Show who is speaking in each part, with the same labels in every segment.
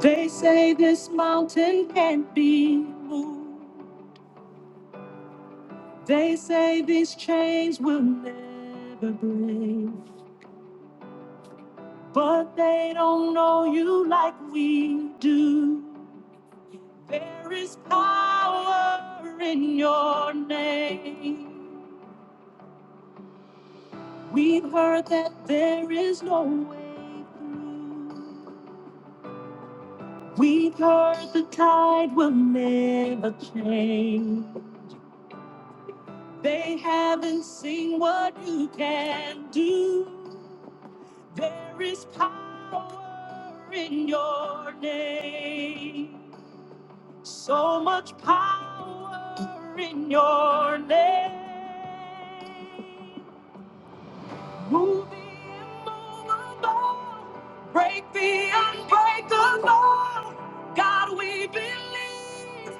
Speaker 1: They say this mountain can't be moved. They say these chains will never break. But they don't know you like we do. There is power in your name. We've heard that there is no way through. We've heard the tide will never change. They haven't seen what you can do. There is power in your name. So much power in your name. Move the immovable. Break the unbreakable. God, we believe.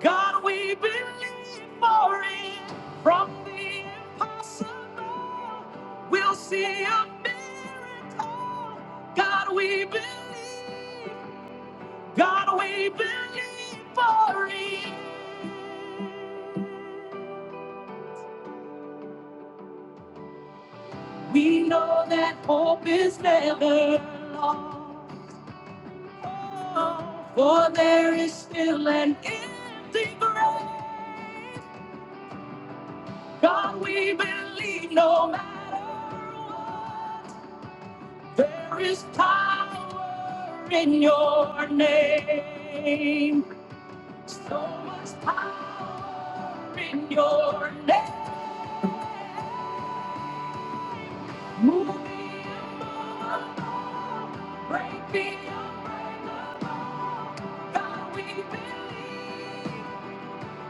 Speaker 1: God, we believe for it. From the impossible, we'll see a miracle. God, we believe. God, we believe for it. We know that hope is never lost. Oh, for there is still an empty grave. God, we believe no matter what. There is power in your name. So much power in your name. Move me, above, break me, unbreakable. God we believe,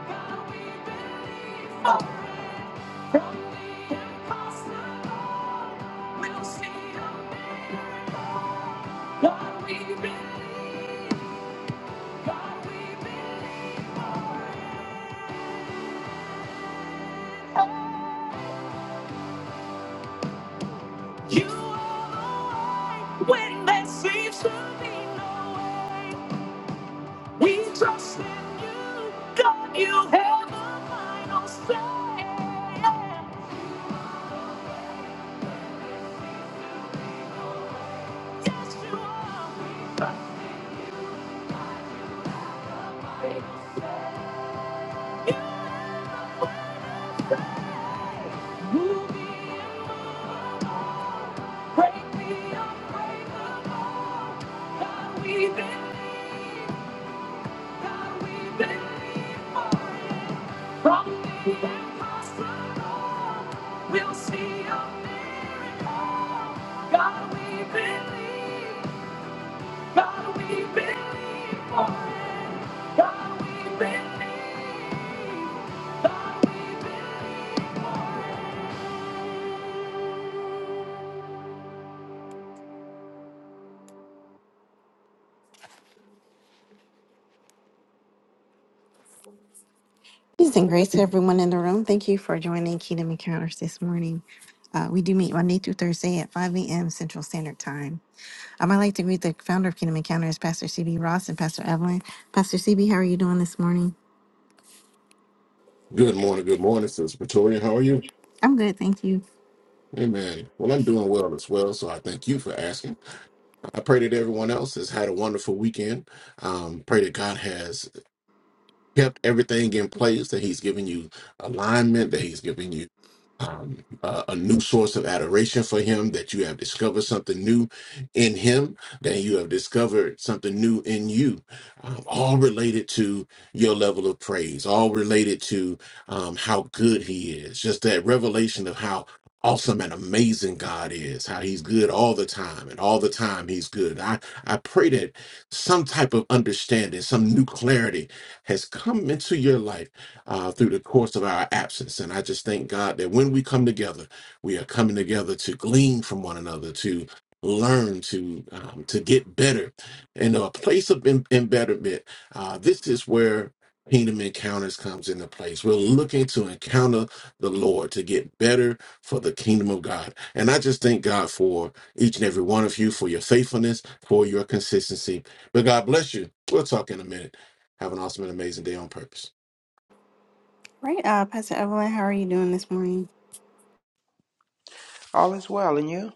Speaker 1: God we believe. Oh, from the impossible, we'll see a miracle. God we believe, You are the way when there seems to be no way. We trust in you, God. You have the final say. Yes, you are. You move me and break me unbreakable. God, we believe, God, we believe for you. From the impossible, we'll see a miracle. God, we believe. God, we believe for it. God, we believe. God, we believe. Peace and grace to everyone in the room. Thank you for joining Kingdom Encounters this morning. Uh, we do meet Monday through Thursday at 5 a.m. Central Standard Time. Um, I'd like to greet the founder of Kingdom Encounters, Pastor CB Ross and Pastor Evelyn. Pastor CB, how are you doing this morning?
Speaker 2: Good morning, good morning, Sister Pretoria. How are you?
Speaker 1: I'm good, thank you.
Speaker 2: Amen. Well, I'm doing well as well, so I thank you for asking. I pray that everyone else has had a wonderful weekend. Um, pray that God has kept everything in place, that He's given you alignment, that He's given you um, a, a new source of adoration for him, that you have discovered something new in him, that you have discovered something new in you, um, all related to your level of praise, all related to um, how good he is, just that revelation of how awesome and amazing God is, how he's good all the time and all the time he's good. I, I pray that some type of understanding, some new clarity has come into your life uh, through the course of our absence. And I just thank God that when we come together, we are coming together to glean from one another, to learn, to um, to get better. And a place of em- embetterment, uh, this is where kingdom encounters comes into place. We're looking to encounter the Lord to get better for the kingdom of God. And I just thank God for each and every one of you, for your faithfulness, for your consistency. But God bless you. We'll talk in a minute. Have an awesome and amazing day on purpose.
Speaker 1: Right, uh, Pastor Evelyn, how are you doing this morning?
Speaker 3: All is well, and you?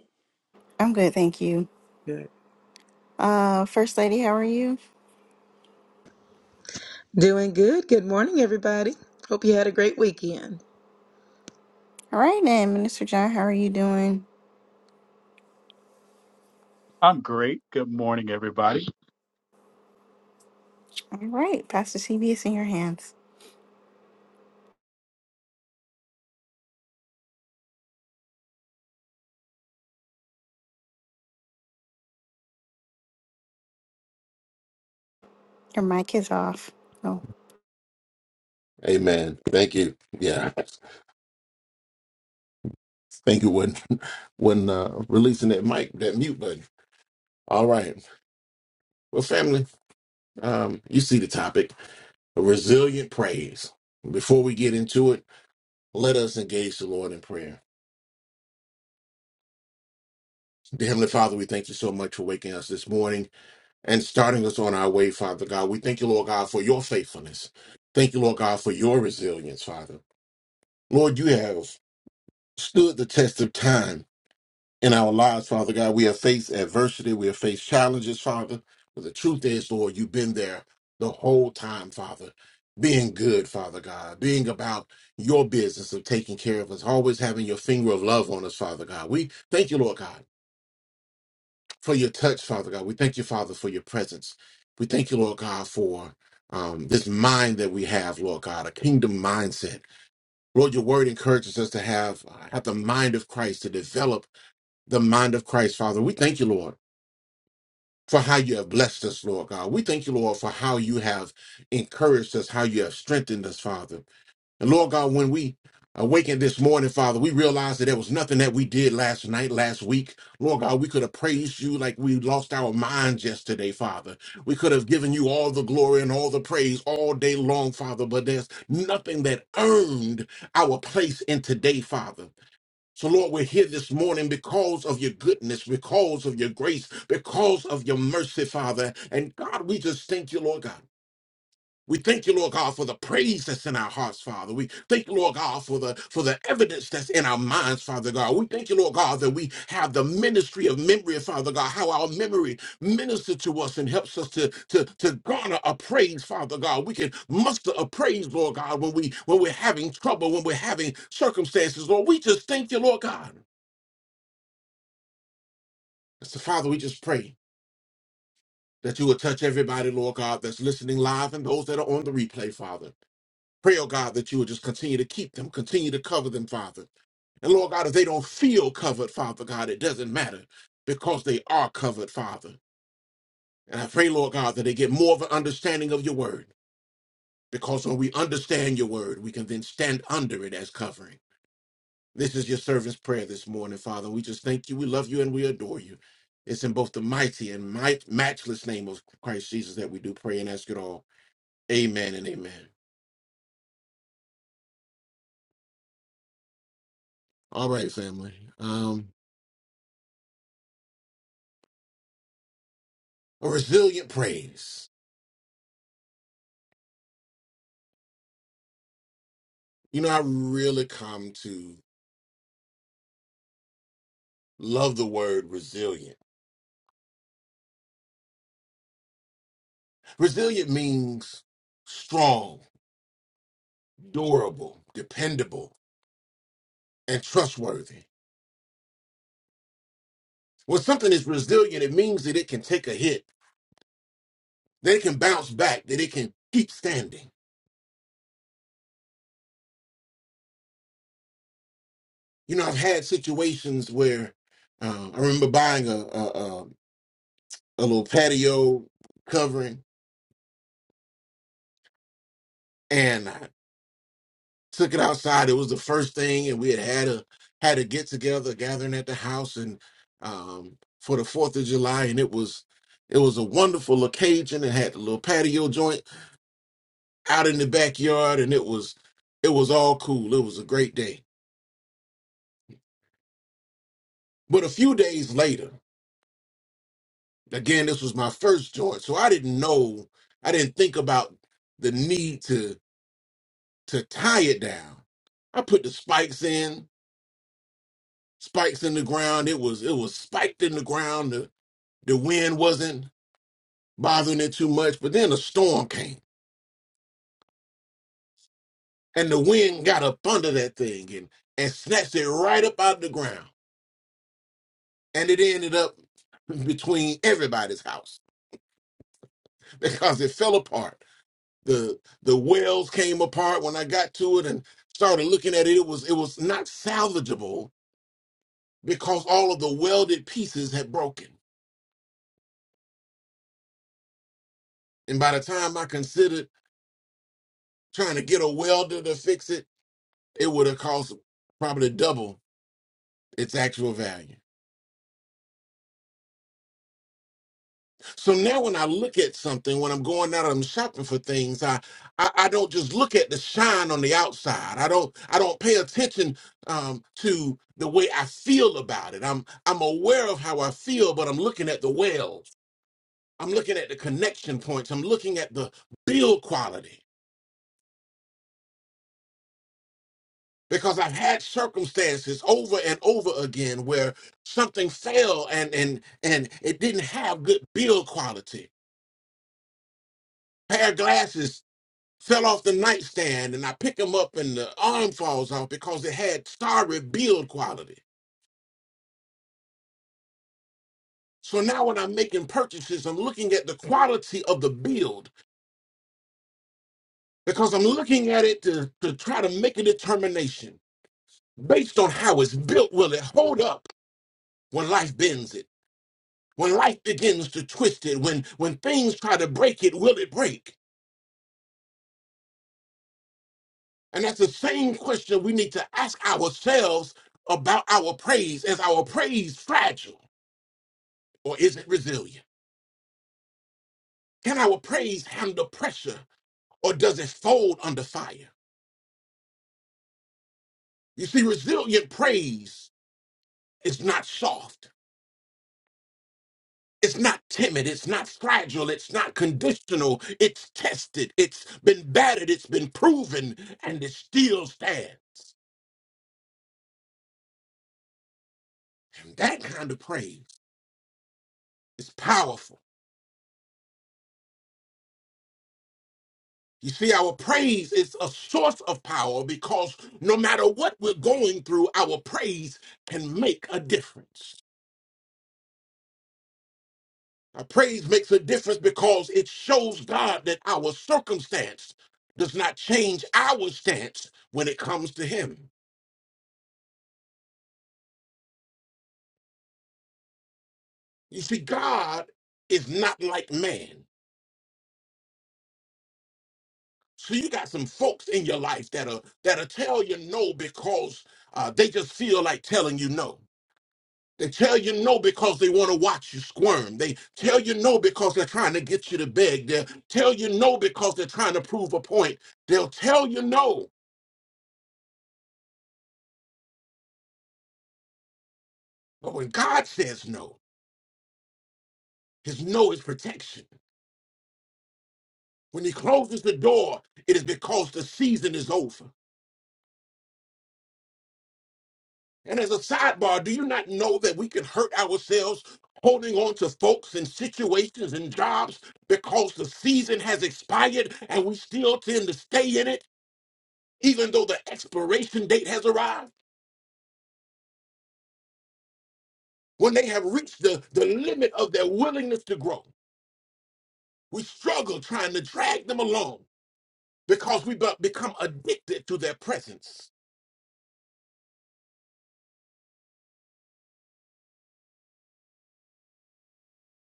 Speaker 1: I'm good, thank you.
Speaker 3: Good.
Speaker 1: Uh, First Lady, how are you?
Speaker 4: Doing good. Good morning, everybody. Hope you had a great weekend.
Speaker 1: All right, and Minister John, how are you doing?
Speaker 5: I'm great. Good morning, everybody.
Speaker 1: All right, Pastor CB, it's in your hands. Your mic is off. Oh.
Speaker 2: Amen. Thank you. Yeah. Thank you when when uh releasing that mic, that mute button. All right. Well, family, um, you see the topic. Resilient praise. Before we get into it, let us engage the Lord in prayer. Dear Heavenly Father, we thank you so much for waking us this morning and starting us on our way, Father God. We thank you, Lord God, for your faithfulness. Thank you, Lord God, for your resilience, Father. Lord, you have stood the test of time in our lives, Father God. We have faced adversity. We have faced challenges, Father. But the truth is, Lord, you've been there the whole time, Father. Being good, Father God, being about your business of taking care of us, always having your finger of love on us, Father God. We thank you, Lord God, for your touch, Father God. We thank you, Father, for your presence. We thank you, Lord God, for um, this mind that we have, Lord God, a kingdom mindset. Lord, your word encourages us to have, have the mind of Christ, to develop the mind of Christ, Father. We thank you, Lord for how you have blessed us, Lord God. We thank you, Lord, for how you have encouraged us, how you have strengthened us, Father. And Lord God, when we awakened this morning, Father, we realized that there was nothing that we did last night, last week. Lord God, we could have praised you like we lost our minds yesterday, Father. We could have given you all the glory and all the praise all day long, Father, but there's nothing that earned our place in today, Father. So, Lord, we're here this morning because of your goodness, because of your grace, because of your mercy, Father. And God, we just thank you, Lord God. We thank you, Lord God, for the praise that's in our hearts, Father. We thank you, Lord God, for the for the evidence that's in our minds, Father God. We thank you, Lord God, that we have the ministry of memory, Father God, how our memory ministers to us and helps us to, to, to garner a praise, Father God. We can muster a praise, Lord God, when we when we're having trouble, when we're having circumstances. Lord, we just thank you, Lord God. And So, Father, we just pray that you would touch everybody, Lord God, that's listening live and those that are on the replay, Father. Pray, oh God, that you would just continue to keep them, continue to cover them, Father. And Lord God, if they don't feel covered, Father God, it doesn't matter because they are covered, Father. And I pray, Lord God, that they get more of an understanding of your word because when we understand your word, we can then stand under it as covering. This is your servant's prayer this morning, Father. We just thank you. We love you and we adore you. It's in both the mighty and might, matchless name of Christ Jesus that we do pray and ask it all. Amen and amen. All right, family. Um, a resilient praise. You know, I really come to love the word resilient. Resilient means strong, durable, dependable, and trustworthy. When something is resilient, it means that it can take a hit, that it can bounce back, that it can keep standing. You know, I've had situations where uh, I remember buying a, a a a little patio covering, and I took it outside. It was the first thing, and we had had a had a get together, gathering at the house, and um, for the Fourth of July, and it was it was a wonderful occasion. It had the little patio joint out in the backyard, and it was it was all cool. It was a great day. But a few days later. Again, this was my first joint, so I didn't know, I didn't think about the need to to tie it down. I put the spikes in, spikes in the ground. It was it was spiked in the ground. The the wind wasn't bothering it too much, but then a storm came, and the wind got up under that thing and and snatched it right up out of the ground, and it ended up between everybody's house because it fell apart. the the wells came apart when I got to it and started looking at it. It was it was not salvageable because all of the welded pieces had broken. And by the time I considered trying to get a welder to fix it, it would have cost probably double its actual value. So now when I look at something, when I'm going out, and I'm shopping for things, I, I, I don't just look at the shine on the outside. I don't I don't pay attention um, to the way I feel about it. I'm I'm aware of how I feel, but I'm looking at the wells. I'm looking at the connection points. I'm looking at the build quality. Because I've had circumstances over and over again where something fell and and and it didn't have good build quality. Pair of glasses fell off the nightstand and I pick him up and the arm falls off because it had sorry build quality. So now when I'm making purchases, I'm looking at the quality of the build because I'm looking at it to, to try to make a determination based on how it's built. Will it hold up when life bends it? When life begins to twist it, when when things try to break it, will it break? And that's the same question we need to ask ourselves about our praise. Is our praise fragile or is it resilient? Can our praise handle pressure or does it fold under fire? You see, resilient praise is not soft. It's not timid. It's not fragile. It's not conditional. It's tested. It's been battered. It's been proven and it still stands. And that kind of praise is powerful. You see, our praise is a source of power because no matter what we're going through, our praise can make a difference. Our praise makes a difference because it shows God that our circumstance does not change our stance when it comes to Him. You see, God is not like man. So you got some folks in your life that'll that'll tell you no because uh, they just feel like telling you no. They tell you no because they want to watch you squirm. They tell you no because they're trying to get you to beg. They'll tell you no because they're trying to prove a point. They'll tell you no. But when God says no, His no is protection. When he closes the door, it is because the season is over. And as a sidebar, do you not know that we can hurt ourselves holding on to folks and situations and jobs because the season has expired and we still tend to stay in it, even though the expiration date has arrived? When they have reached the, the limit of their willingness to grow, we struggle trying to drag them along because we be- become addicted to their presence.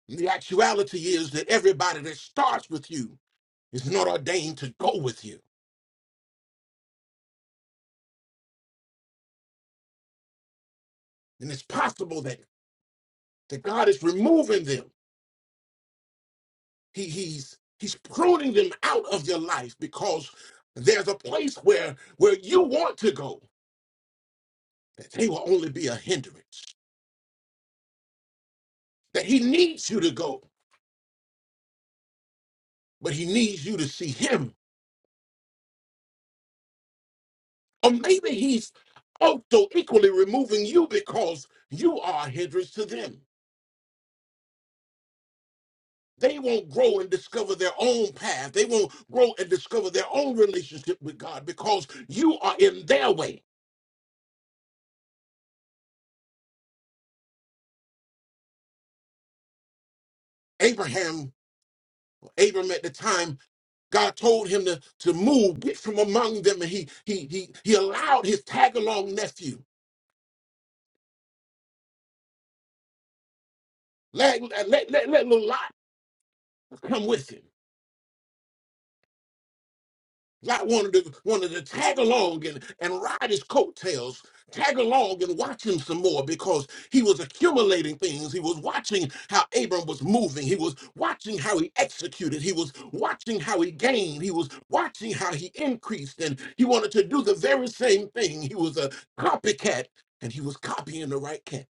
Speaker 2: The actuality is that everybody that starts with you is not ordained to go with you. And it's possible that, that God is removing them. He, he's He's pruning them out of your life because there's a place where where you want to go, that they will only be a hindrance. That he needs you to go, but he needs you to see him. Or maybe he's also equally removing you because you are a hindrance to them. they won't grow and discover their own path. They won't grow and discover their own relationship with God because you are in their way. Abraham, Abram at the time, God told him to, to move, get from among them, and he he he he allowed his tag along nephew, let, let, let, let little Lot come with him. Lot wanted to wanted to tag along and, and ride his coattails, tag along and watch him some more because he was accumulating things. He was watching how Abram was moving. He was watching how he executed. He was watching how he gained. He was watching how he increased. And he wanted to do the very same thing. He was a copycat and he was copying the right cat.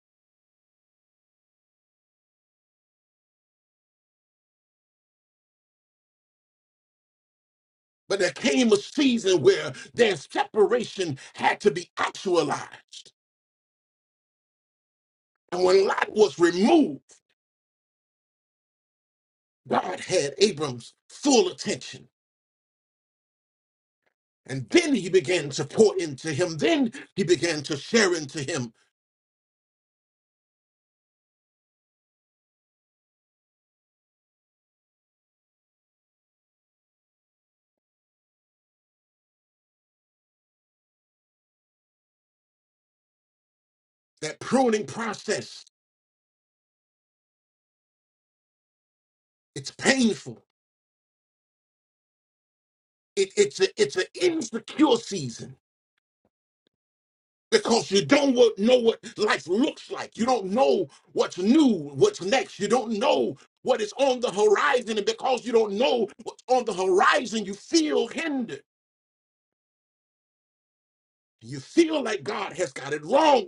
Speaker 2: But there came a season where their separation had to be actualized. And when Lot was removed, God had Abram's full attention. And then he began to pour into him. Then he began to share into him that pruning process. It's painful. It, it's a it's an insecure season because you don't wa- know what life looks like. You don't know what's new, what's next. You don't know what is on the horizon. And because you don't know what's on the horizon, you feel hindered. You feel like God has got it wrong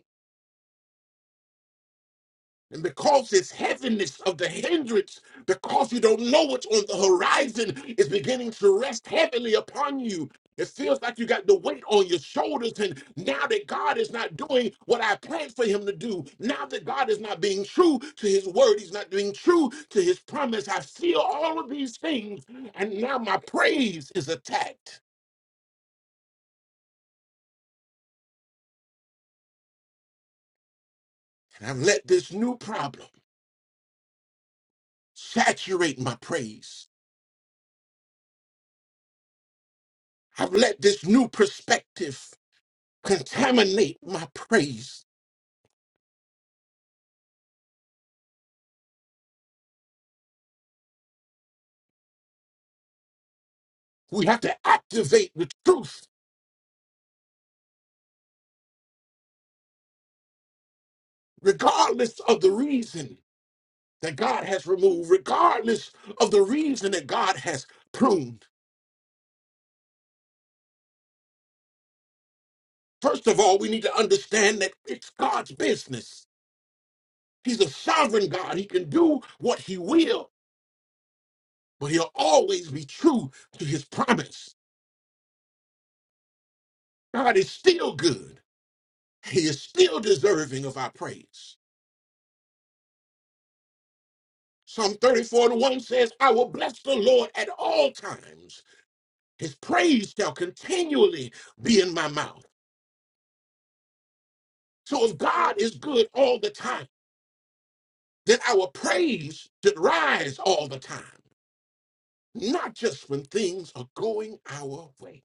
Speaker 2: And because this heaviness of the hindrance, because you don't know what's on the horizon, is beginning to rest heavily upon you. It feels like you got the weight on your shoulders. And now that God is not doing what I planned for him to do, now that God is not being true to his word, he's not being true to his promise. I feel all of these things. And now my praise is attacked. And I've let this new problem saturate my praise. I've let this new perspective contaminate my praise. We have to activate the truth, regardless of the reason that God has removed, regardless of the reason that God has pruned. First of all, we need to understand that it's God's business. He's a sovereign God. He can do what he will, but he'll always be true to his promise. God is still good. He is still deserving of our praise. Psalm 34 and 1 says, I will bless the Lord at all times. His praise shall continually be in my mouth. So if God is good all the time, then our praise should rise all the time, not just when things are going our way.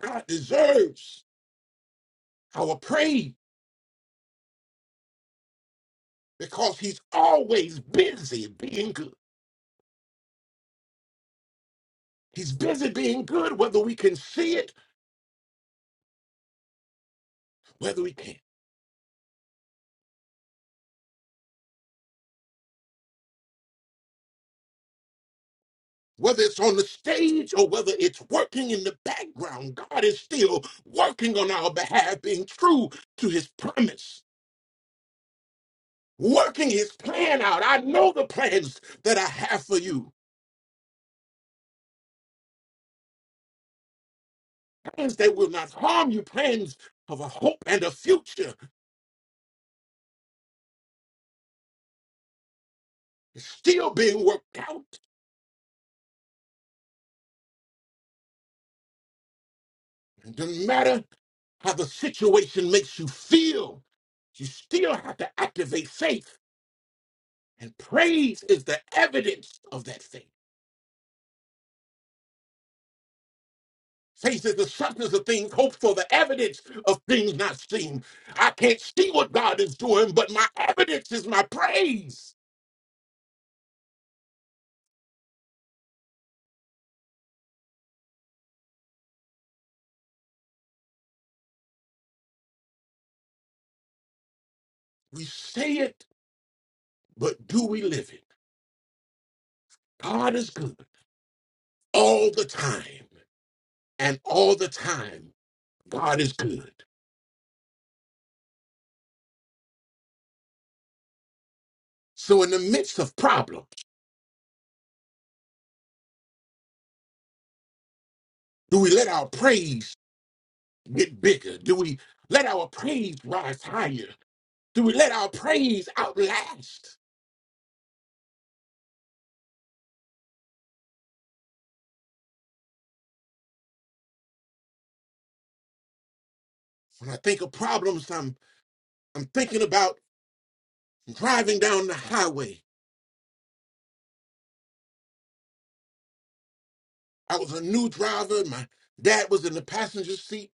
Speaker 2: God deserves our praise because he's always busy being good. He's busy being good whether we can see it, whether we can't. Whether it's on the stage or whether it's working in the background, God is still working on our behalf, being true to his promise working his plan out. I know the plans that I have for you. Plans that will not harm you, plans of a hope and a future It's still being worked out. It doesn't matter how the situation makes you feel, you still have to activate faith. And praise is the evidence of that faith. Faith is the substance of things hoped for, the evidence of things not seen. I can't see what God is doing, but my evidence is my praise. We say it but do we live it? God is good all the time, and all the time, God is good. So, in the midst of problems, do we let our praise get bigger? Do we let our praise rise higher? Do we let our praise outlast? When I think of problems, I'm, I'm thinking about driving down the highway. I was a new driver. My dad was in the passenger seat.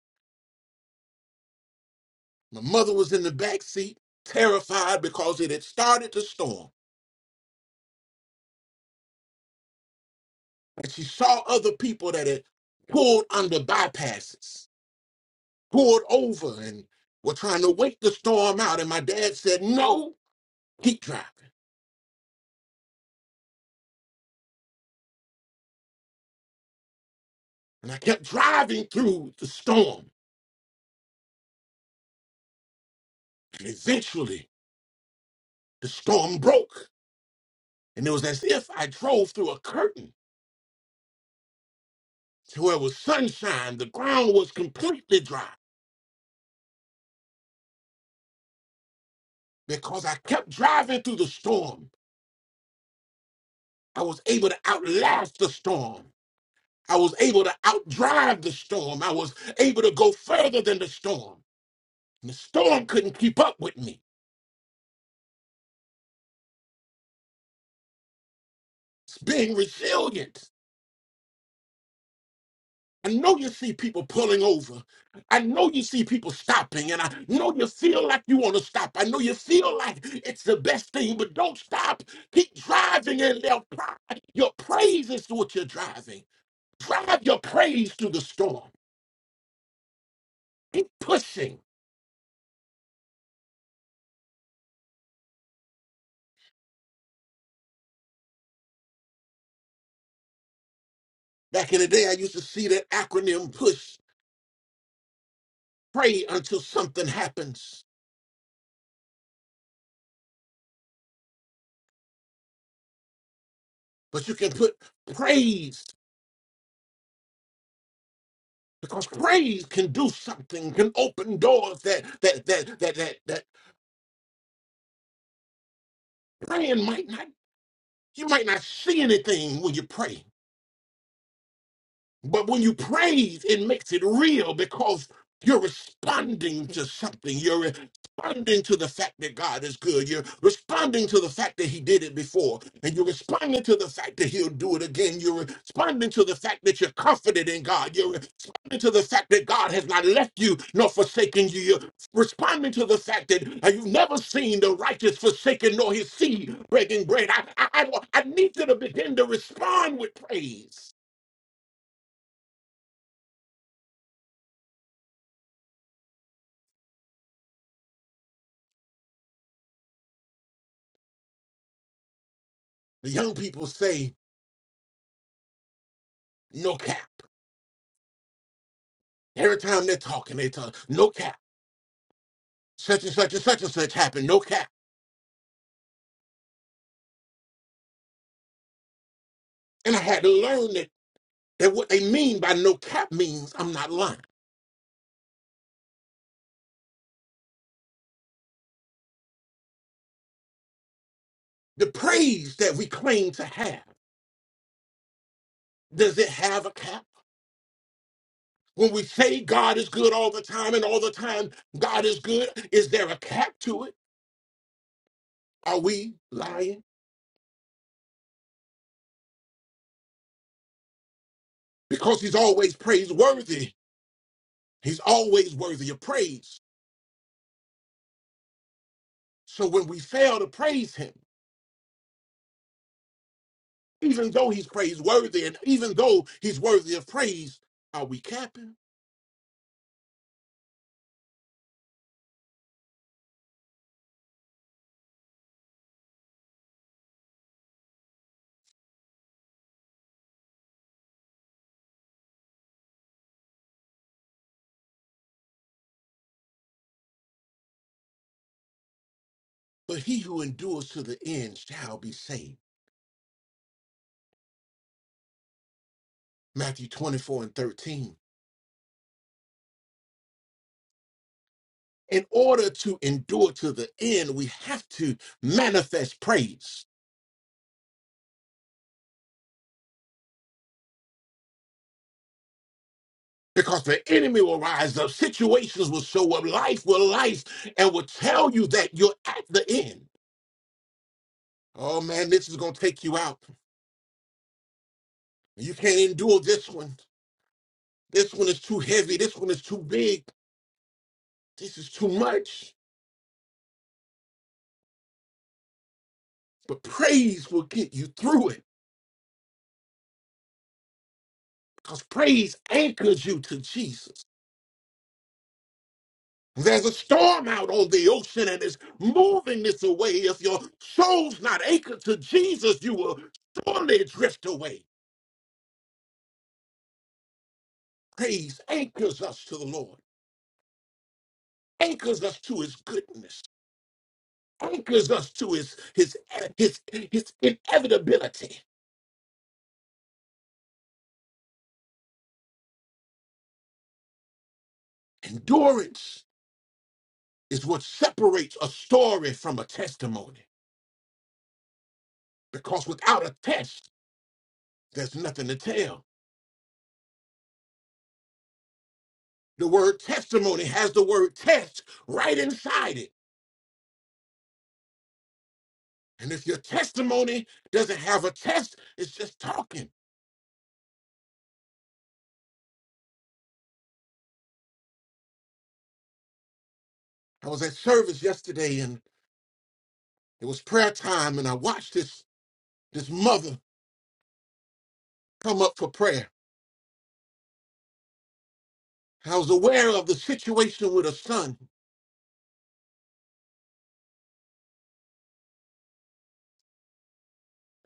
Speaker 2: My mother was in the back seat, terrified because it had started to storm. and she saw other people that had pulled under bypasses, pulled over, and were trying to wait the storm out. And my dad said, No, keep driving. And I kept driving through the storm. And eventually, the storm broke. And it was as if I drove through a curtain to where it was sunshine. The ground was completely dry because I kept driving through the storm. I was able to outlast the storm. I was able to outdrive the storm. I was able to go further than the storm. And the storm couldn't keep up with me. It's being resilient. I know you see people pulling over. I know you see people stopping. And I know you feel like you want to stop. I know you feel like it's the best thing, but don't stop. Keep driving and they'll cry. Your praise is what you're driving. Drive your praise through the storm. Keep pushing. Back in the day, I used to see that acronym PUSH. pray until something happens, but you can put praise because praise can do something, can open doors that that that that that, that praying might not. You might not see anything when you pray. But when you praise, it makes it real because you're responding to something. You're responding to the fact that God is good. You're responding to the fact that He did it before. And you're responding to the fact that He'll do it again. You're responding to the fact that you're confident in God. You're responding to the fact that God has not left you nor forsaken you. You're responding to the fact that uh, you've never seen the righteous forsaken nor his seed breaking bread. I, I, I I need you to begin to respond with praise The young people say no cap. Every time they're talking, they talk no cap. Such and such and such and such happened, no cap. And I had to learn that, that what they mean by no cap means I'm not lying. The praise that we claim to have, does it have a cap? When we say God is good all the time and all the time God is good, is there a cap to it? Are we lying? Because he's always praiseworthy. He's always worthy of praise. So when we fail to praise him, Even though he's praiseworthy and even though he's worthy of praise, are we capping? But he who endures to the end shall be saved. Matthew 24 and 13. In order to endure to the end, we have to manifest praise because the enemy will rise up, situations will show up, life will life, and will tell you that you're at the end. Oh man, this is going to take you out. You can't endure this one. This one is too heavy. This one is too big. This is too much. But praise will get you through it because praise anchors you to Jesus. There's a storm out on the ocean and it's moving this away. If your soul's not anchored to Jesus, you will surely drift away. Praise anchors us to the Lord, anchors us to his goodness, anchors us to his his his his inevitability. Endurance is what separates a story from a testimony. Because without a test, there's nothing to tell. The word testimony has the word test right inside it. And if your testimony doesn't have a test, it's just talking. I was at service yesterday and it was prayer time and I watched this this mother come up for prayer. I was aware of the situation with her son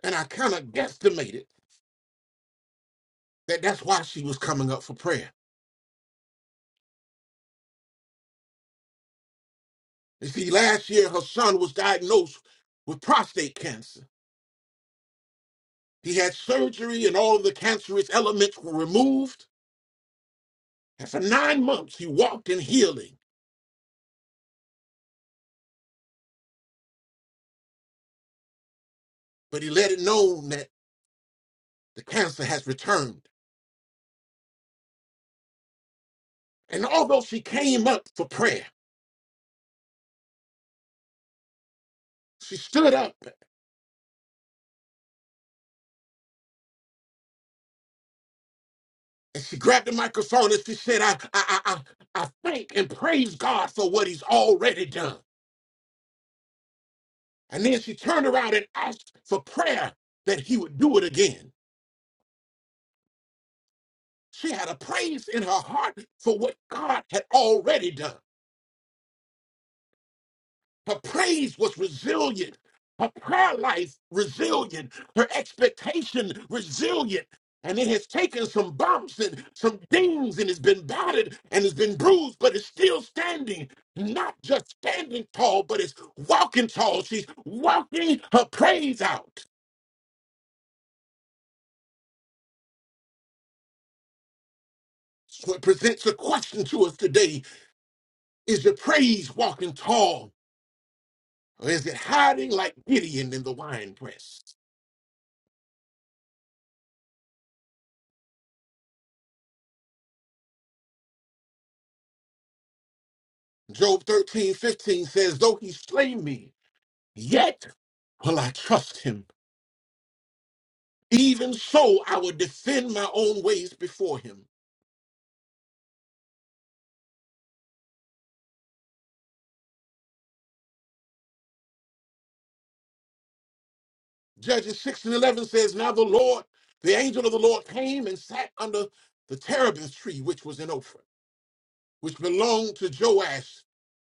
Speaker 2: and I kind of guesstimated that that's why she was coming up for prayer. You see, last year her son was diagnosed with prostate cancer. He had surgery and all of the cancerous elements were removed And for nine months, he walked in healing, but he let it known that the cancer has returned. And although she came up for prayer, she stood up and she grabbed the microphone and she said, I, I, I, I, I thank and praise God for what he's already done. And then she turned around and asked for prayer that he would do it again. She had a praise in her heart for what God had already done. Her praise was resilient. Her prayer life resilient. Her expectation resilient. And it has taken some bumps and some dings and it's been battered and it's been bruised, but it's still standing. Not just standing tall, but it's walking tall. She's walking her praise out. So it presents a question to us today. Is your praise walking tall? Or is it hiding like Gideon in the wine press? Job 13 15 says, Though he slay me, Yet will I trust him. Even so, I will defend my own ways before him. Judges 6 and 11 says, Now the Lord, the angel of the Lord came and sat under the terebinth tree, which was in Ophrah, which belonged to Joash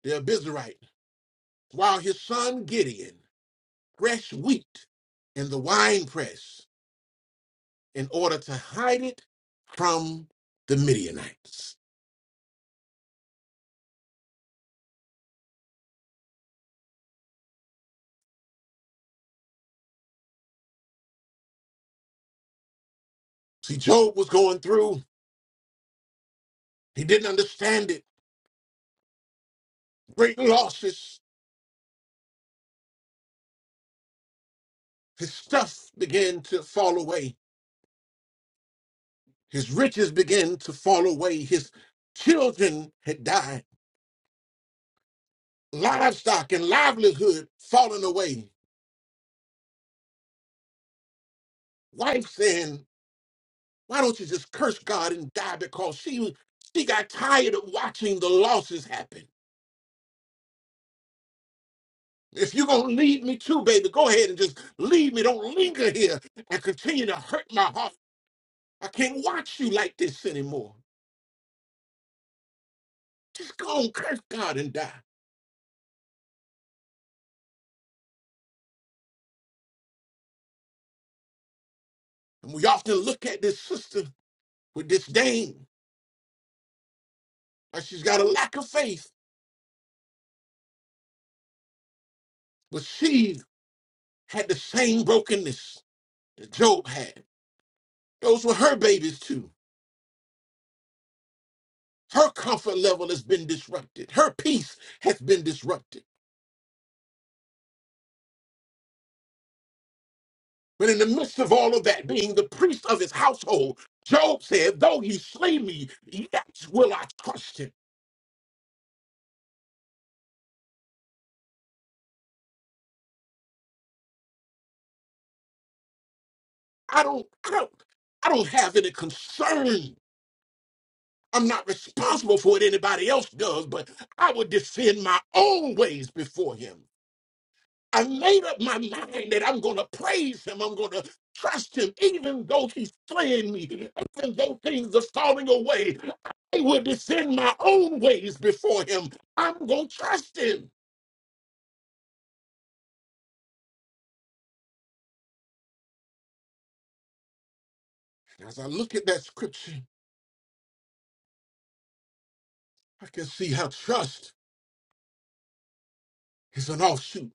Speaker 2: the Abizarite, while his son Gideon threshed wheat in the winepress in order to hide it from the Midianites. See, Job was going through, he didn't understand it, great losses, His stuff began to fall away. His riches began to fall away. His children had died. Livestock and livelihood falling away. Wife saying, why don't you just curse God and die? Because she she got tired of watching the losses happen. If you're gonna leave me too, baby, go ahead and just leave me. Don't linger here and continue to hurt my heart. I can't watch you like this anymore. Just go and curse God and die. And we often look at this sister with disdain Now, she's got a lack of faith, but she had the same brokenness that Job had. Those were her babies too. Her comfort level has been disrupted. Her peace has been disrupted. But in the midst of all of that, being the priest of his household, Job said, "Though he slay me, yet will I trust him." I don't, I don't, I don't have any concern. I'm not responsible for what anybody else does, but I would defend my own ways before him. I made up my mind that I'm going to praise him. I'm going to trust him, even though he's fleeing me, even though things are falling away. I will descend my own ways before him. I'm going to trust him. As I look at that scripture, I can see how trust is an offshoot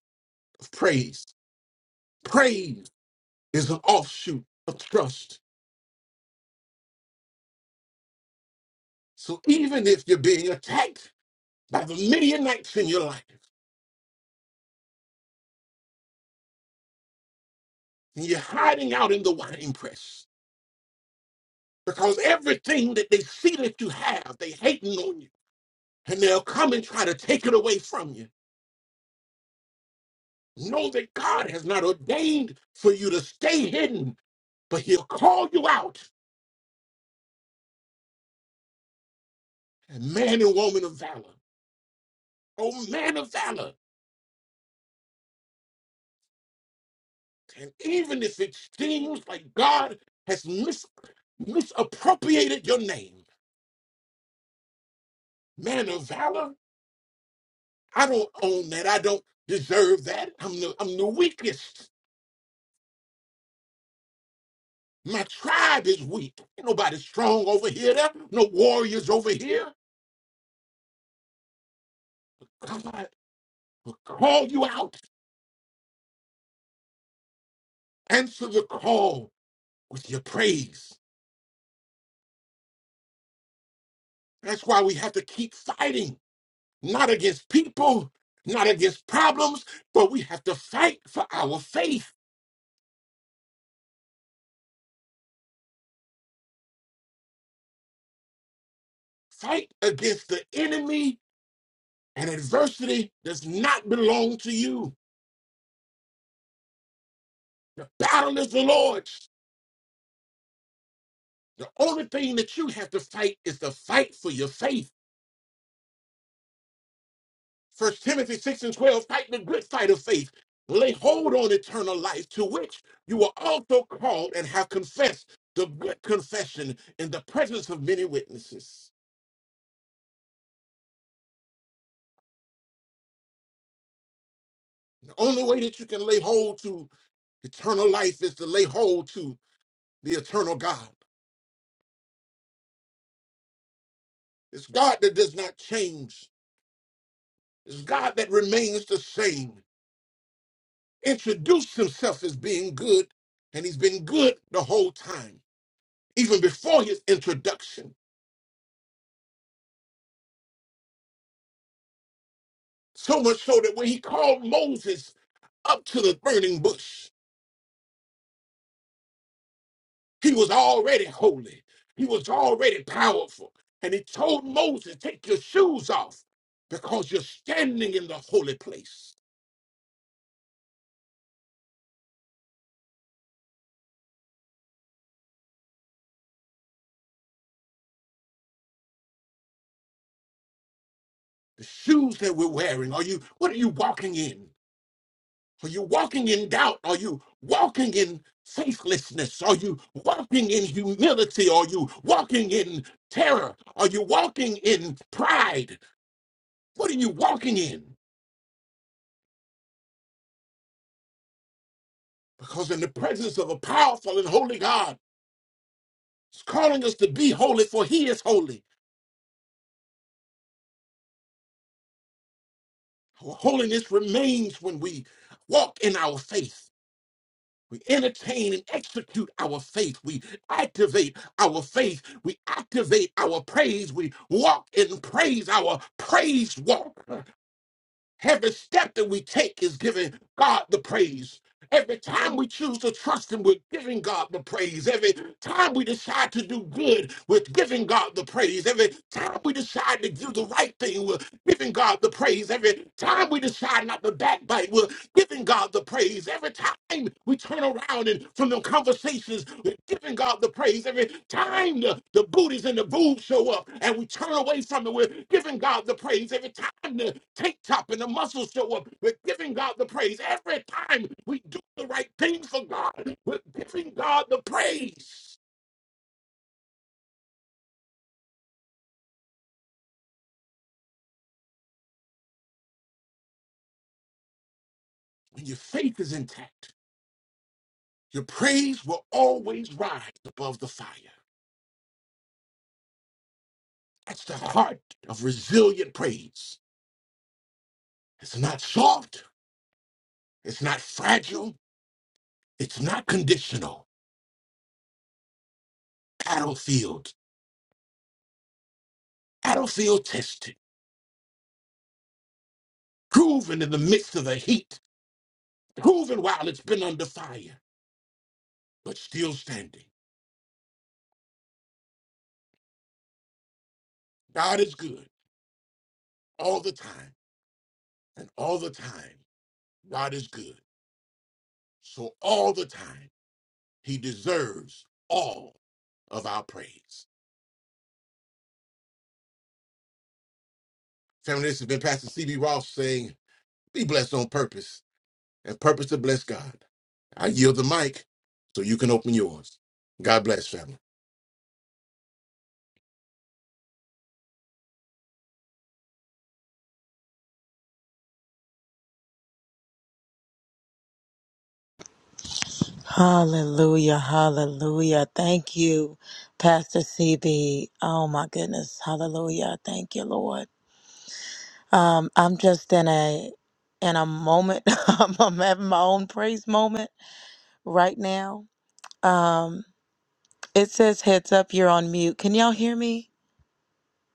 Speaker 2: of praise. Praise is an offshoot of trust. So even if you're being attacked by the Midianites in your life and you're hiding out in the wine press, because everything that they see that you have, they hating on you, and they'll come and try to take it away from you. Know that God has not ordained for you to stay hidden, but He'll call you out, and man and woman of valor, oh man of valor, and even if it seems like God has mis- misappropriated your name, man of valor, I don't own that. I don't deserve that. I'm the I'm the weakest. My tribe is weak. Ain't nobody strong over here. There no warriors over here. God will call you out. Answer the call with your praise. That's why we have to keep fighting, not against people, not against problems, but we have to fight for our faith. Fight against the enemy and adversity does not belong to you. The battle is the Lord's. The only thing that you have to fight is to fight for your faith First Timothy 6 and 12, fight the good fight of faith. Lay hold on eternal life, to which you were also called and have confessed the good confession in the presence of many witnesses. The only way that you can lay hold to eternal life is to lay hold to the eternal God. It's God that does not change, it's God that remains the same. Introduced himself as being good, and he's been good the whole time, even before his introduction. So much so that when he called Moses up to the burning bush, he was already holy, he was already powerful. And he told Moses, Take your shoes off because you're standing in the holy place. The shoes that we're wearing, are you, what are you walking in? Are you walking in doubt? Are you walking in faithlessness? Are you walking in humility? Are you walking in terror? Are you walking in pride? What are you walking in? Because in the presence of a powerful and holy God, He's calling us to be holy, for He is holy. Our holiness remains when we walk in our faith. We entertain and execute our faith. We activate our faith. We activate our praise. We walk in praise, our praise walk. Every step that we take is giving God the praise. Every time we choose to trust Him, we're giving God the praise. Every time we decide to do good, we're giving God the praise. Every time we decide to do the right thing, we're giving God the praise. Every time we decide not to backbite, we're giving God the praise. Every time we turn around and from the conversations, we giving God the praise every time the, the booties and the boobs show up and we turn away from it. We're giving God the praise every time the tank top and the muscles show up. We're giving God the praise every time we do the right thing for God. We're giving God the praise. When your faith is intact, your praise will always rise above the fire. That's the heart of resilient praise. It's not soft, it's not fragile, it's not conditional. battlefield, battlefield tested, proven in the midst of the heat, proven while it's been under fire, but still standing. God is good all the time, and all the time, God is good. So all the time, He deserves all of our praise. Family, this has been Pastor CB Ross saying, Be blessed on purpose and purpose to bless God. I yield the mic so you can open yours. God bless, family.
Speaker 4: Hallelujah, hallelujah. Thank you, Pastor CB. Oh my goodness, hallelujah. Thank you, Lord. Um, I'm just in a in a moment. I'm I'm having my own praise moment right now. Um, it says heads up, you're on mute. Can y'all hear me?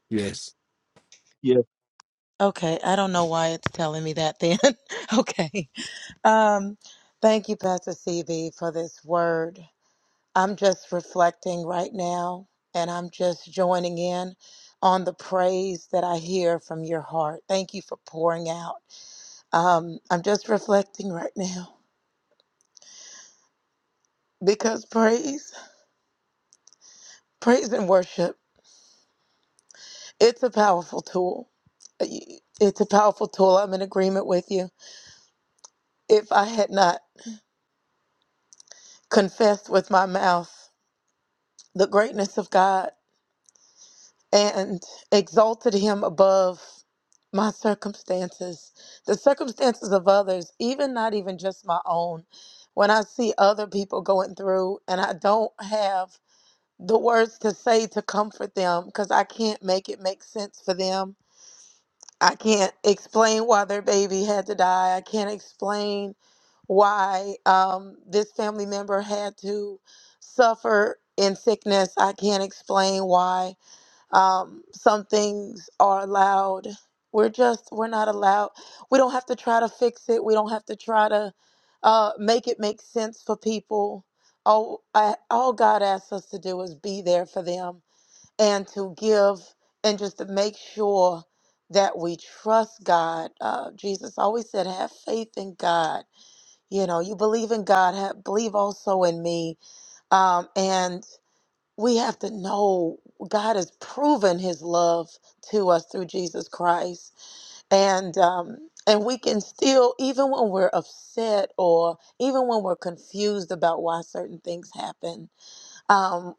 Speaker 2: Yes.
Speaker 5: Yeah.
Speaker 4: Okay, I don't know why it's telling me that then. okay. Um, thank you, Pastor CB, for this word. I'm just reflecting right now and I'm just joining in on the praise that I hear from your heart. Thank you for pouring out. Um, I'm just reflecting right now because praise, praise and worship, it's a powerful tool. It's a powerful tool. I'm in agreement with you. If I had not confessed with my mouth the greatness of God, and exalted him above my circumstances, the circumstances of others, even not even just my own. When I see other people going through and I don't have the words to say to comfort them because I can't make it make sense for them. I can't explain why their baby had to die. I can't explain why um, this family member had to suffer in sickness. I can't explain why um, some things are allowed we're just we're not allowed we don't have to try to fix it we don't have to try to uh, make it make sense for people all, I, all god asks us to do is be there for them and to give and just to make sure that we trust god uh, jesus always said have faith in god you know you believe in god have, believe also in me um, and we have to know God has proven His love to us through Jesus Christ, and um, and we can still, even when we're upset or even when we're confused about why certain things happen, um,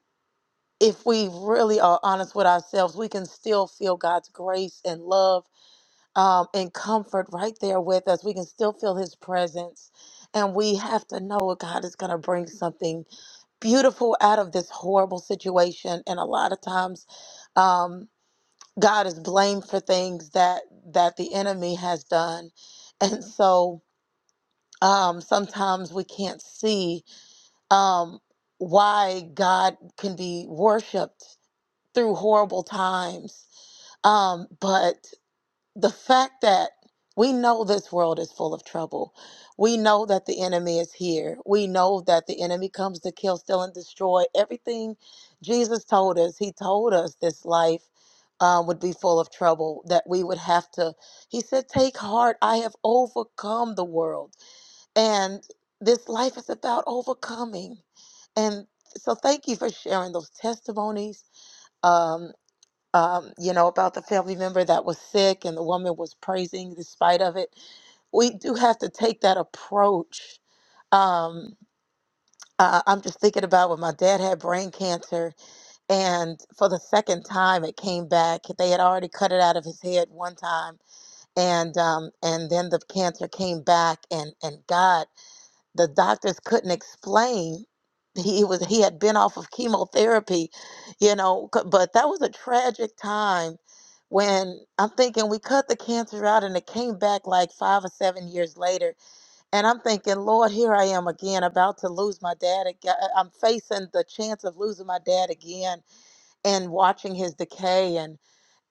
Speaker 4: if we really are honest with ourselves, we can still feel God's grace and love um, and comfort right there with us. We can still feel His presence, and we have to know God is going to bring something beautiful out of this horrible situation and a lot of times um, god is blamed for things that that the enemy has done and so um, sometimes we can't see um, why god can be worshiped through horrible times um, but the fact that we know this world is full of trouble. We know that the enemy is here. We know that the enemy comes to kill, steal, and destroy everything Jesus told us. He told us this life uh, would be full of trouble, that we would have to, he said, Take heart, I have overcome the world. And this life is about overcoming. And so thank you for sharing those testimonies. Um um, you know, about the family member that was sick and the woman was praising despite of it. We do have to take that approach. Um, uh, I'm just thinking about when my dad had brain cancer, and for the second time it came back. They had already cut it out of his head one time, and um, and then the cancer came back, and and God the doctors couldn't explain he was he had been off of chemotherapy you know c- but that was a tragic time when i'm thinking we cut the cancer out and it came back like five or seven years later and i'm thinking lord here i am again about to lose my dad again i'm facing the chance of losing my dad again and watching his decay and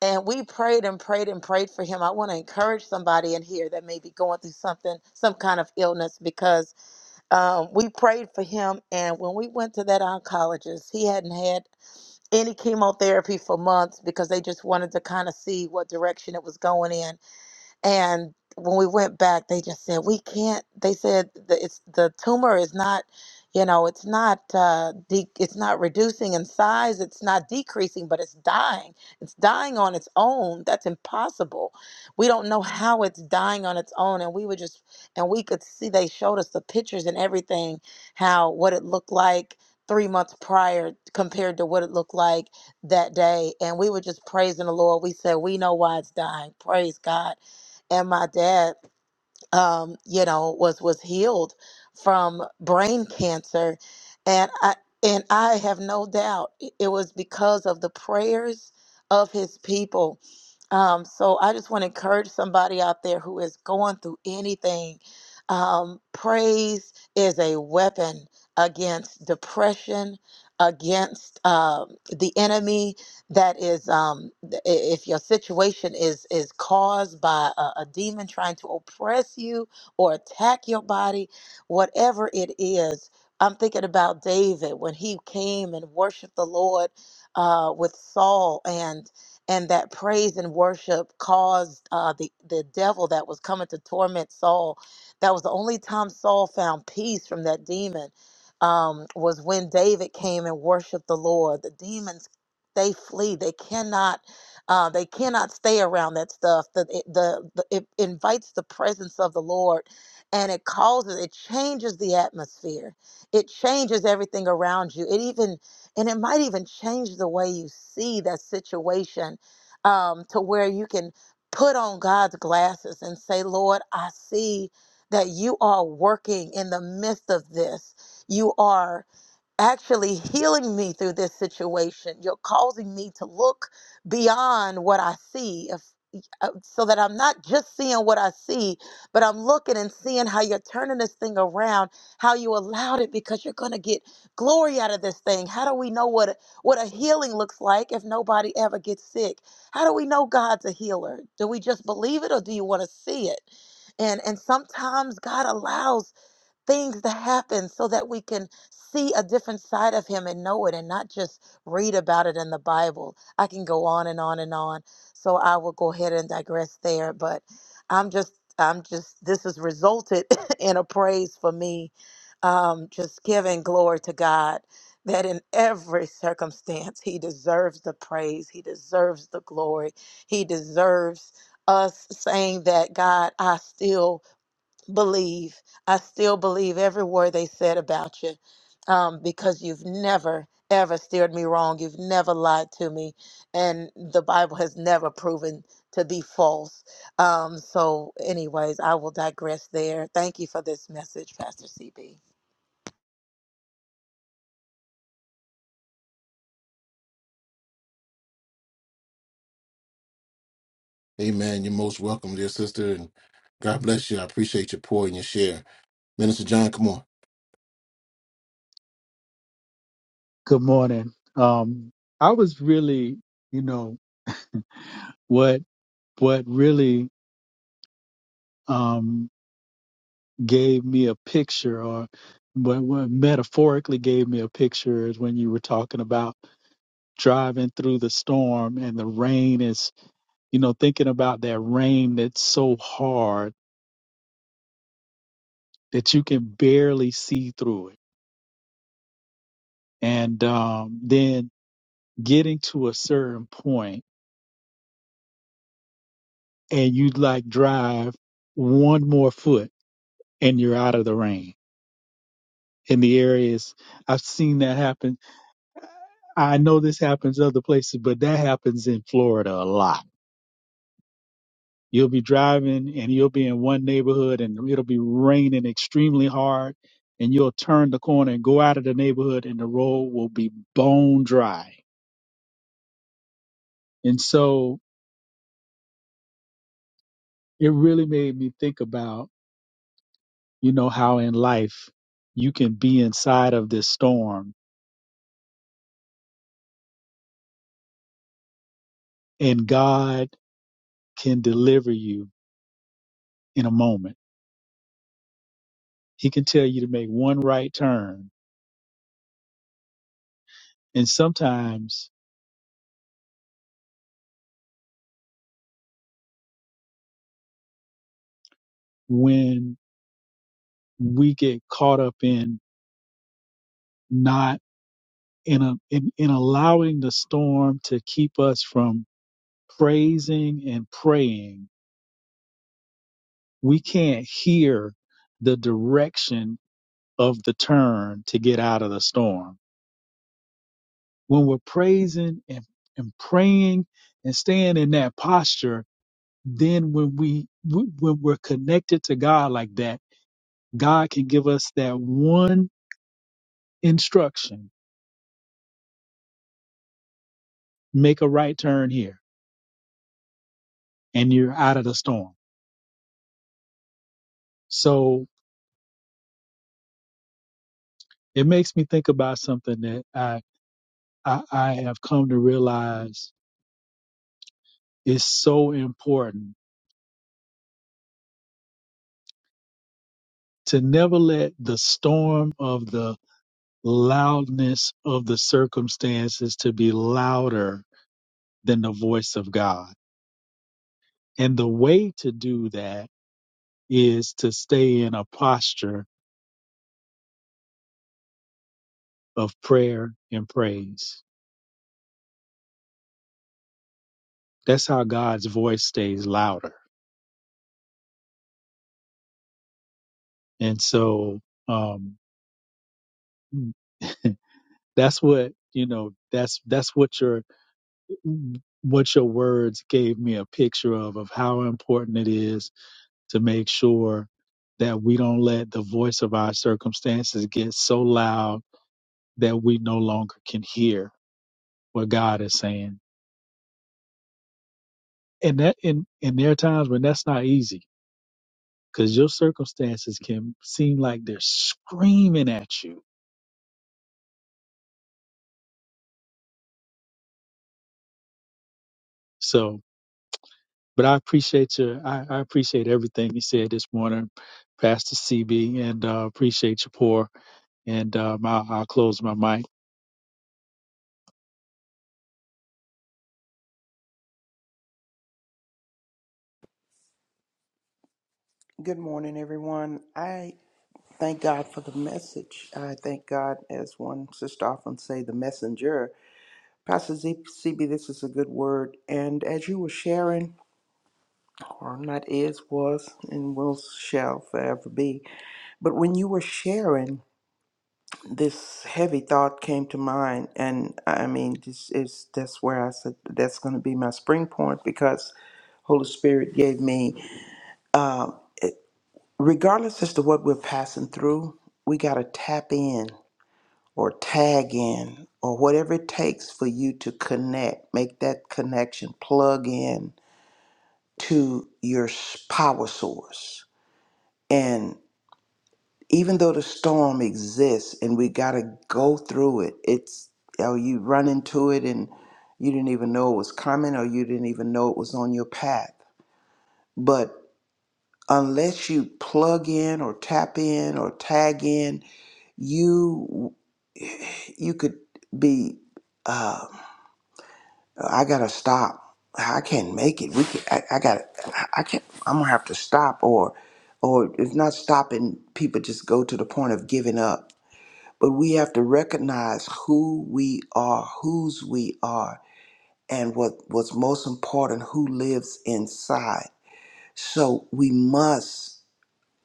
Speaker 4: and we prayed and prayed and prayed for him i want to encourage somebody in here that may be going through something some kind of illness because um, we prayed for him. And when we went to that oncologist, he hadn't had any chemotherapy for months because they just wanted to kind of see what direction it was going in. And when we went back, they just said, we can't, they said the, it's, the tumor is not, you know, it's not, uh, de- it's not reducing in size. It's not decreasing, but it's dying. It's dying on its own. That's impossible. We don't know how it's dying on its own. And we were just, and we could see, they showed us the pictures and everything, how, what it looked like three months prior compared to what it looked like that day. And we were just praising the Lord. We said, we know why it's dying. Praise God and my dad um you know was was healed from brain cancer and i and i have no doubt it it was because of the prayers of his people um, so I just want to encourage somebody out there who is going through anything. Um, praise is a weapon against depression, against um, the enemy. That is, um, th- i- if your situation is is caused by a, a demon trying to oppress you or attack your body, whatever it is. I'm thinking about David when he came and worshiped the Lord uh, with Saul, and and that praise and worship caused uh, the the devil that was coming to torment Saul. That was the only time Saul found peace from that demon. Um, was when David came and worshiped the Lord. The demons they flee. They cannot. Uh, they cannot stay around that stuff. The, it, the, the it invites the presence of the Lord, and it causes it changes the atmosphere. It changes everything around you. It even and it might even change the way you see that situation um, to where you can put on God's glasses and say, Lord, I see that you are working in the midst of this. You are actually healing me through this situation. You're causing me to look beyond what I see if, uh, so that I'm not just seeing what I see, but I'm looking and seeing how you're turning this thing around, how you allowed it because you're going to get glory out of this thing. How do we know what what a healing looks like if nobody ever gets sick? How do we know God's a healer? Do we just believe it or do you want to see it? And and sometimes God allows things to happen so that we can see a different side of him and know it and not just read about it in the Bible. I can go on and on and on. So I will go ahead and digress there, but I'm just I'm just this has resulted in a praise for me. Um just giving glory to God that in every circumstance he deserves the praise, he deserves the glory, he deserves us saying that God, I still believe. I still believe every word they said about you um, because you've never, ever steered me wrong. You've never lied to me. And the Bible has never proven to be false. Um, so, anyways, I will digress there. Thank you for this message, Pastor CB.
Speaker 2: Amen. You're most welcome, dear sister, and God bless you. I appreciate your pour and your share. Minister John, come on.
Speaker 5: Good morning. Um, I was really, you know, what what really um gave me a picture, or what, what metaphorically gave me a picture, is when you were talking about driving through the storm and the rain is, you know, thinking about that rain that's so hard that you can barely see through it, and um, then getting to a certain point and you like drive one more foot and you're out of the rain in the areas i've seen that happen i know this happens other places but that happens in florida a lot you'll be driving and you'll be in one neighborhood and it'll be raining extremely hard and you'll turn the corner and go out of the neighborhood and the road will be bone dry and so it really made me think about you know how in life you can be inside of this storm and god can deliver you in a moment. He can tell you to make one right turn. And sometimes when we get caught up in not in a in, in allowing the storm to keep us from praising and praying, we can't hear the direction of the turn to get out of the storm. When we're praising and, and praying and staying in that posture, then when we w- when we're connected to God like that, God can give us that one instruction: make a right turn here, and you're out of the storm. So it makes me think about something that I I, I have come to realize is so important to never let the storm of the loudness of the circumstances to be louder than the voice of God. And the way to do that is to stay in a posture of prayer and praise. That's how God's voice stays louder. And so, um, that's what, you know, that's, that's what your, what your words gave me a picture of, of how important it is to make sure that we don't let the voice of our circumstances get so loud that we no longer can hear what God is saying. And that, and, and there are times when that's not easy because your circumstances can seem like they're screaming at you. So, but I appreciate your, I, I appreciate everything you said this morning, Pastor CB, and uh, appreciate your pour. And um, I'll, I'll close my mic.
Speaker 3: Good morning, everyone. I thank God for the message. I thank God, as one sister often say, the messenger. Pastor Z- CB, this is a good word. And as you were sharing, or not is, was, and will shall forever be, but when you were sharing, this heavy thought came to mind. And I mean, this is that's where I said that's going to be my spring point because Holy Spirit gave me. Um, regardless as to what we're passing through, we got to tap in or tag in or whatever it takes for you to connect, make that connection, plug in to your s- power source. And even though the storm exists and we got to go through it, it's or you run into it and you didn't even know it was coming or you didn't even know it was on your path. But unless you plug in or tap in or tag in you you could be uh i gotta stop i can't make it we can, I, I gotta i I can't i'm gonna have to stop or or it's not stopping people just go to the point of giving up but we have to recognize who we are whose we are and what what's most important who lives inside so we must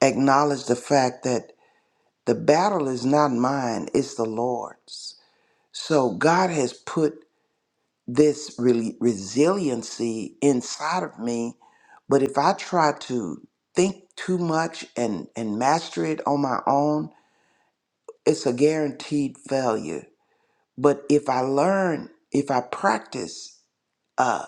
Speaker 3: acknowledge the fact that the battle is not mine it's the lord's So God has put this really resiliency inside of me, but if I try to think too much and and master it on my own, it's a guaranteed failure. But if I learn, if I practice uh,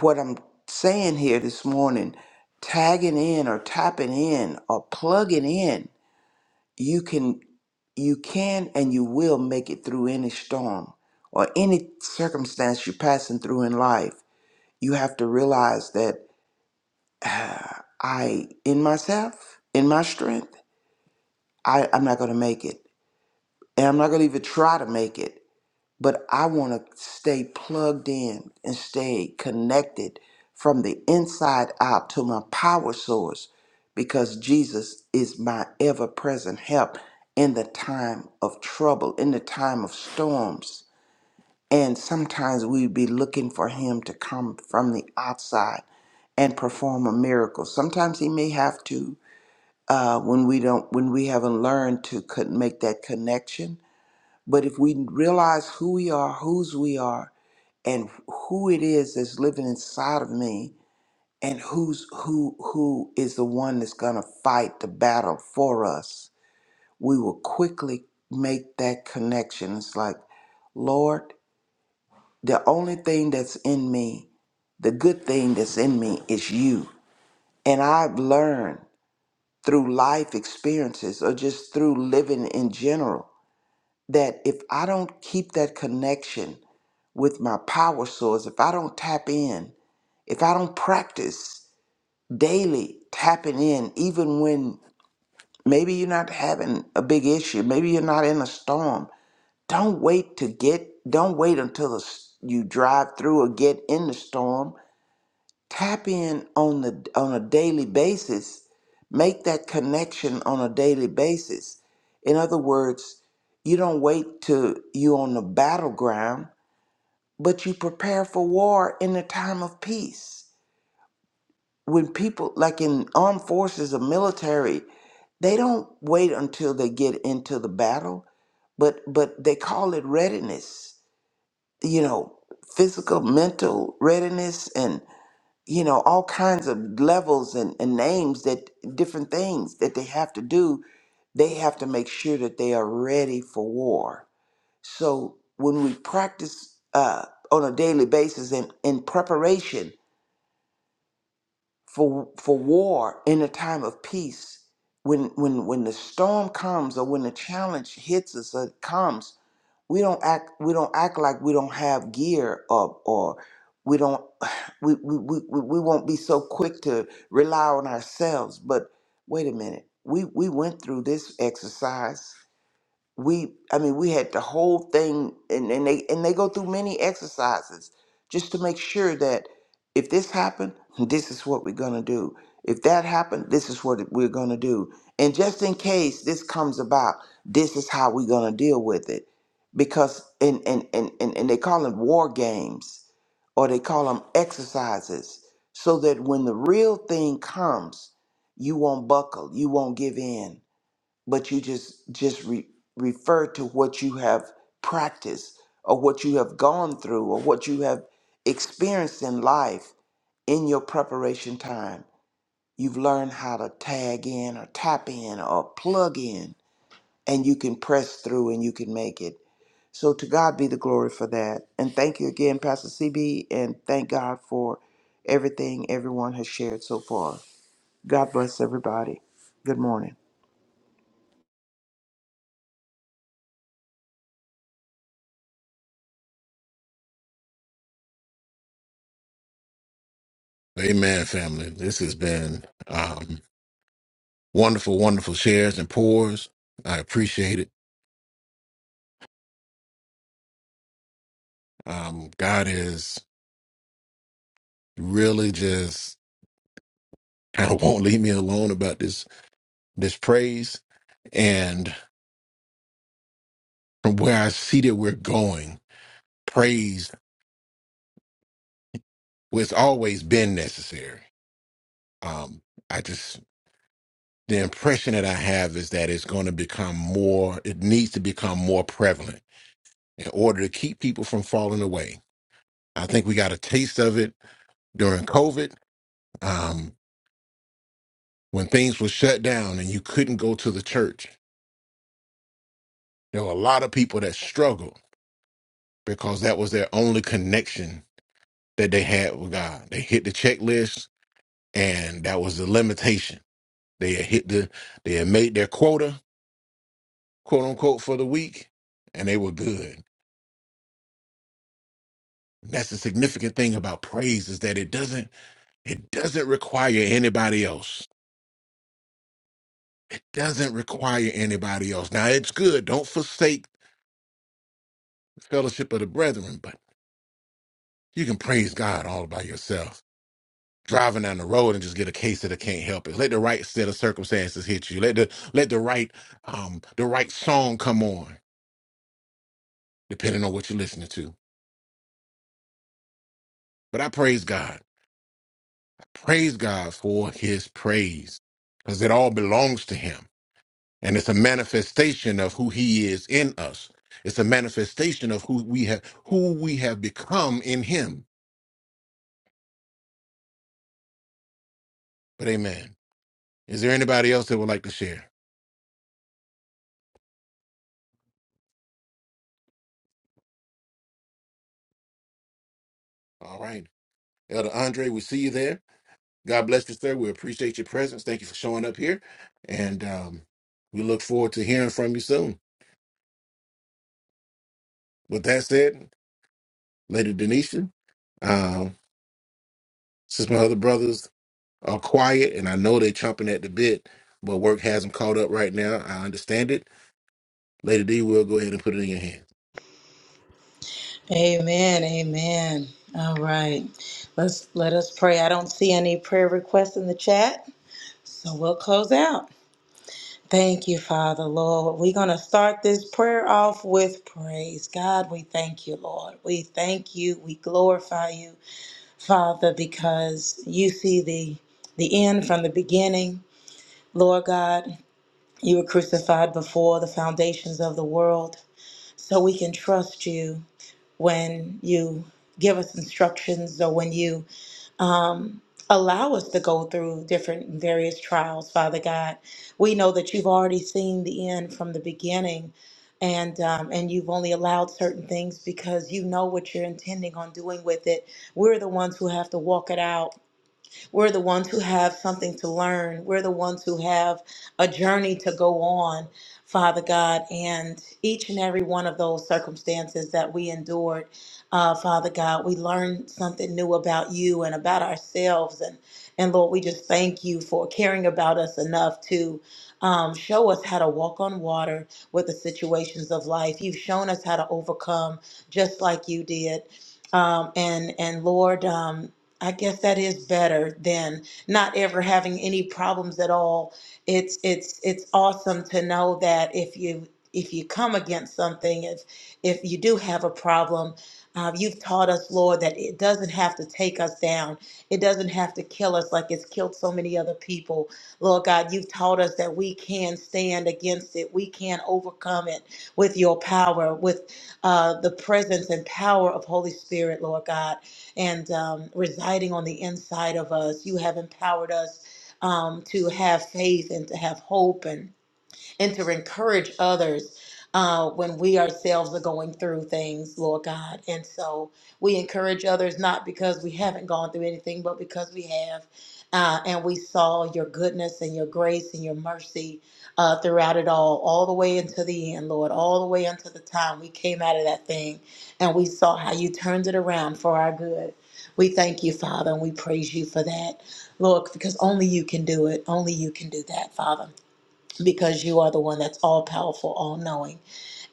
Speaker 3: what I'm saying here this morning, tagging in or tapping in or plugging in you can you can and you will make it through any storm or any circumstance you're passing through in life you have to realize that ah, i in myself in my strength I, i'm not going to make it and i'm not going to even try to make it but I want to stay plugged in and stay connected from the inside out to my power source because Jesus is my ever present help in the time of trouble, in the time of storms. And sometimes we be looking for him to come from the outside and perform a miracle. Sometimes he may have to uh, when we don't when we haven't learned to co- make that connection but if we realize who we are, whose we are, and who it is that's living inside of me, and who's who who is the one that's gonna fight the battle for us, we will quickly make that connection. It's like, Lord, the only thing that's in me, the good thing that's in me is you. And I've learned through life experiences or just through living in general that if I don't keep that connection with my power source, if I don't tap in, if I don't practice daily tapping in, even when maybe you're not having a big issue, maybe you're not in a storm, don't wait to get, don't wait until the, s- you drive through or get in the storm. Tap in on the on a daily basis. Make that connection on a daily basis. In other words, you don't wait till you on the battleground but you prepare for war in a time of peace. When people, like in armed forces or military, they don't wait until they get into the battle, but but they call it readiness. You know, physical, mental readiness, and you know all kinds of levels and, and names that different things that they have to do. They have to make sure that they are ready for war so when we practice uh, on a daily basis in, in preparation for for war in a time of peace, when when when the storm comes or when the challenge hits us or comes, we don't act we don't act like we don't have gear or or we don't we we, we, we we won't be so quick to rely on ourselves. But wait a minute, we we went through this exercise we i mean we had the whole thing and, and they and they go through many exercises just to make sure that if this happened this is what we're going to do if that happened this is what we're going to do and just in case this comes about this is how we're going to deal with it because and and, and and and they call them war games or they call them exercises so that when the real thing comes you won't buckle you won't give in but you just just re- refer to what you have practiced or what you have gone through or what you have experienced in life in your preparation time you've learned how to tag in or tap in or plug in and you can press through and you can make it so to god be the glory for that and thank you again pastor cb and thank god for everything everyone has shared so far god bless everybody good morning
Speaker 2: Amen, family. This has been um, wonderful, wonderful shares and pours. I appreciate it. Um, God is really just kind of won't leave me alone about this this praise and from where I see that we're going. Praise was always been necessary. Um, I just the impression that I have is that it's going to become more, it needs to become more prevalent in order to keep people from falling away. I think we got a taste of it during COVID um, when things were shut down and you couldn't go to the church. There were a lot of people that struggled because that was their only connection that they had with God. They hit the checklist and that was the limitation. They had hit the, they had made their quota, quote unquote, for the week and they were good And That's the significant thing about praise is that it doesn't it doesn't require anybody else. It doesn't require anybody else. Now it's good. Don't forsake the fellowship of the brethren, but you can praise God all by yourself. Driving down the road and just get a case that I can't help it. Let the right set of circumstances hit you. Let the let the right um the right song come on, depending on what you're listening to. But I praise God. I praise God for his praise. Because it all belongs to him. And it's a manifestation of who he is in us. It's a manifestation of who we have who we have become in him. But amen. Is there anybody else that would like to share? All right. Elder Andre, we see you there. God bless you, sir. We appreciate your presence. Thank you for showing up here. And um, we look forward to hearing from you soon. With that said, Lady Denisha, um, since my other brothers are quiet and I know they're chomping at the bit, but work has them caught up right now. I understand it. Lady D will go ahead and put it in your hand.
Speaker 4: Amen. Amen. All right. Let's let us pray. I don't see any prayer requests in the chat, so we'll close out. Thank you, Father, Lord. We're going to start this prayer off with praise. God, we thank you, Lord. We thank you. We glorify you, Father, because you see the, the end from the beginning. Lord God, you were crucified before the foundations of the world, so we can trust you when you give us instructions or when you Allow us to go through different various trials, Father God. We know that you've already seen the end from the beginning, and um, and you've only allowed certain things because you know what you're intending on doing with it. We're the ones who have to walk it out we're the ones who have something to learn. We're the ones who have a journey to go on, Father God. And each and every one of those circumstances that we endured, uh, Father God, we learned something new about you and about ourselves. And, and Lord, we just thank you for caring about us enough to um, show us how to walk on water with the situations of life. You've shown us how to overcome just like you did. Um, and and Lord, um, I guess that is better than not ever having any problems at all. It's it's it's awesome to know that if you if you come against something, if if you do have a problem, uh, you've taught us, Lord, that it doesn't have to take us down. It doesn't have to kill us like it's killed so many other people. Lord God, you've taught us that we can stand against it. We can overcome it with your power, with uh, the presence and power of Holy Spirit, Lord God and um, residing on the inside of us. You have empowered us um, to have faith and to have hope. And and to encourage others uh, when we ourselves are going through things, Lord God. And so we encourage others not because we haven't gone through anything, but because we have. Uh, and we saw your goodness and your grace and your mercy uh, throughout it all, all the way into the end, Lord, all the way until the time we came out of that thing and we saw how you turned it around for our good. We thank you, Father, and we praise you for that, Lord, because only you can do it. Only you can do that, Father because you are the one that's all powerful, all knowing.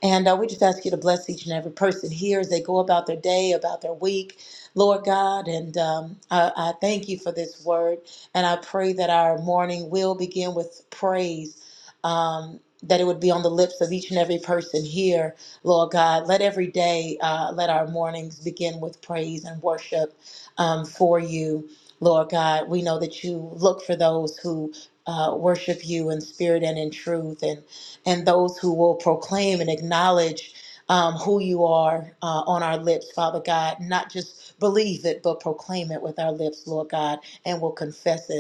Speaker 4: And uh, we just ask you to bless each and every person here as they go about their day, about their week, Lord God. And um, I, I thank you for this word. And I pray that our morning will begin with praise. Um, that it would be on the lips of each and every person here, Lord God. Let every day, uh, let our mornings begin with praise and worship um, for you, Lord God. We know that you look for those who uh, worship you in spirit and in truth. And and those who will proclaim and acknowledge um, who you are uh, on our lips, Father God. Not just believe it, but proclaim it with our lips, Lord God, and we'll confess it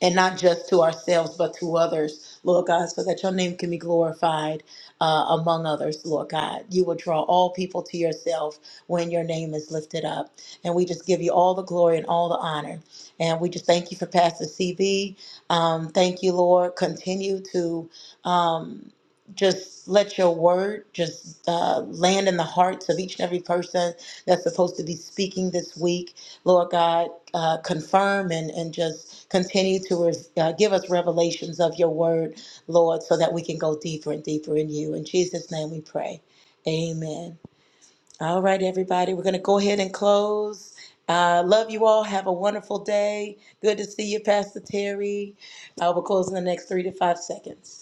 Speaker 4: and not just to ourselves, but to others, Lord God, so that your name can be glorified uh, among others, Lord God. You will draw all people to yourself when your name is lifted up. And we just give you all the glory and all the honor. And we just thank you for Pastor CB. Um, thank you, Lord. Continue to. Um, just let your word just uh, land in the hearts of each and every person that's supposed to be speaking this week Lord God, uh, confirm and, and just continue to res- uh, give us revelations of your word, Lord, so that we can go deeper and deeper in you. In Jesus' name we pray. Amen. All right, everybody, we're going to go ahead and close. Uh, love you all. Have a wonderful day. Good to see you, Pastor Terry. Uh, we'll close in the next three to five seconds.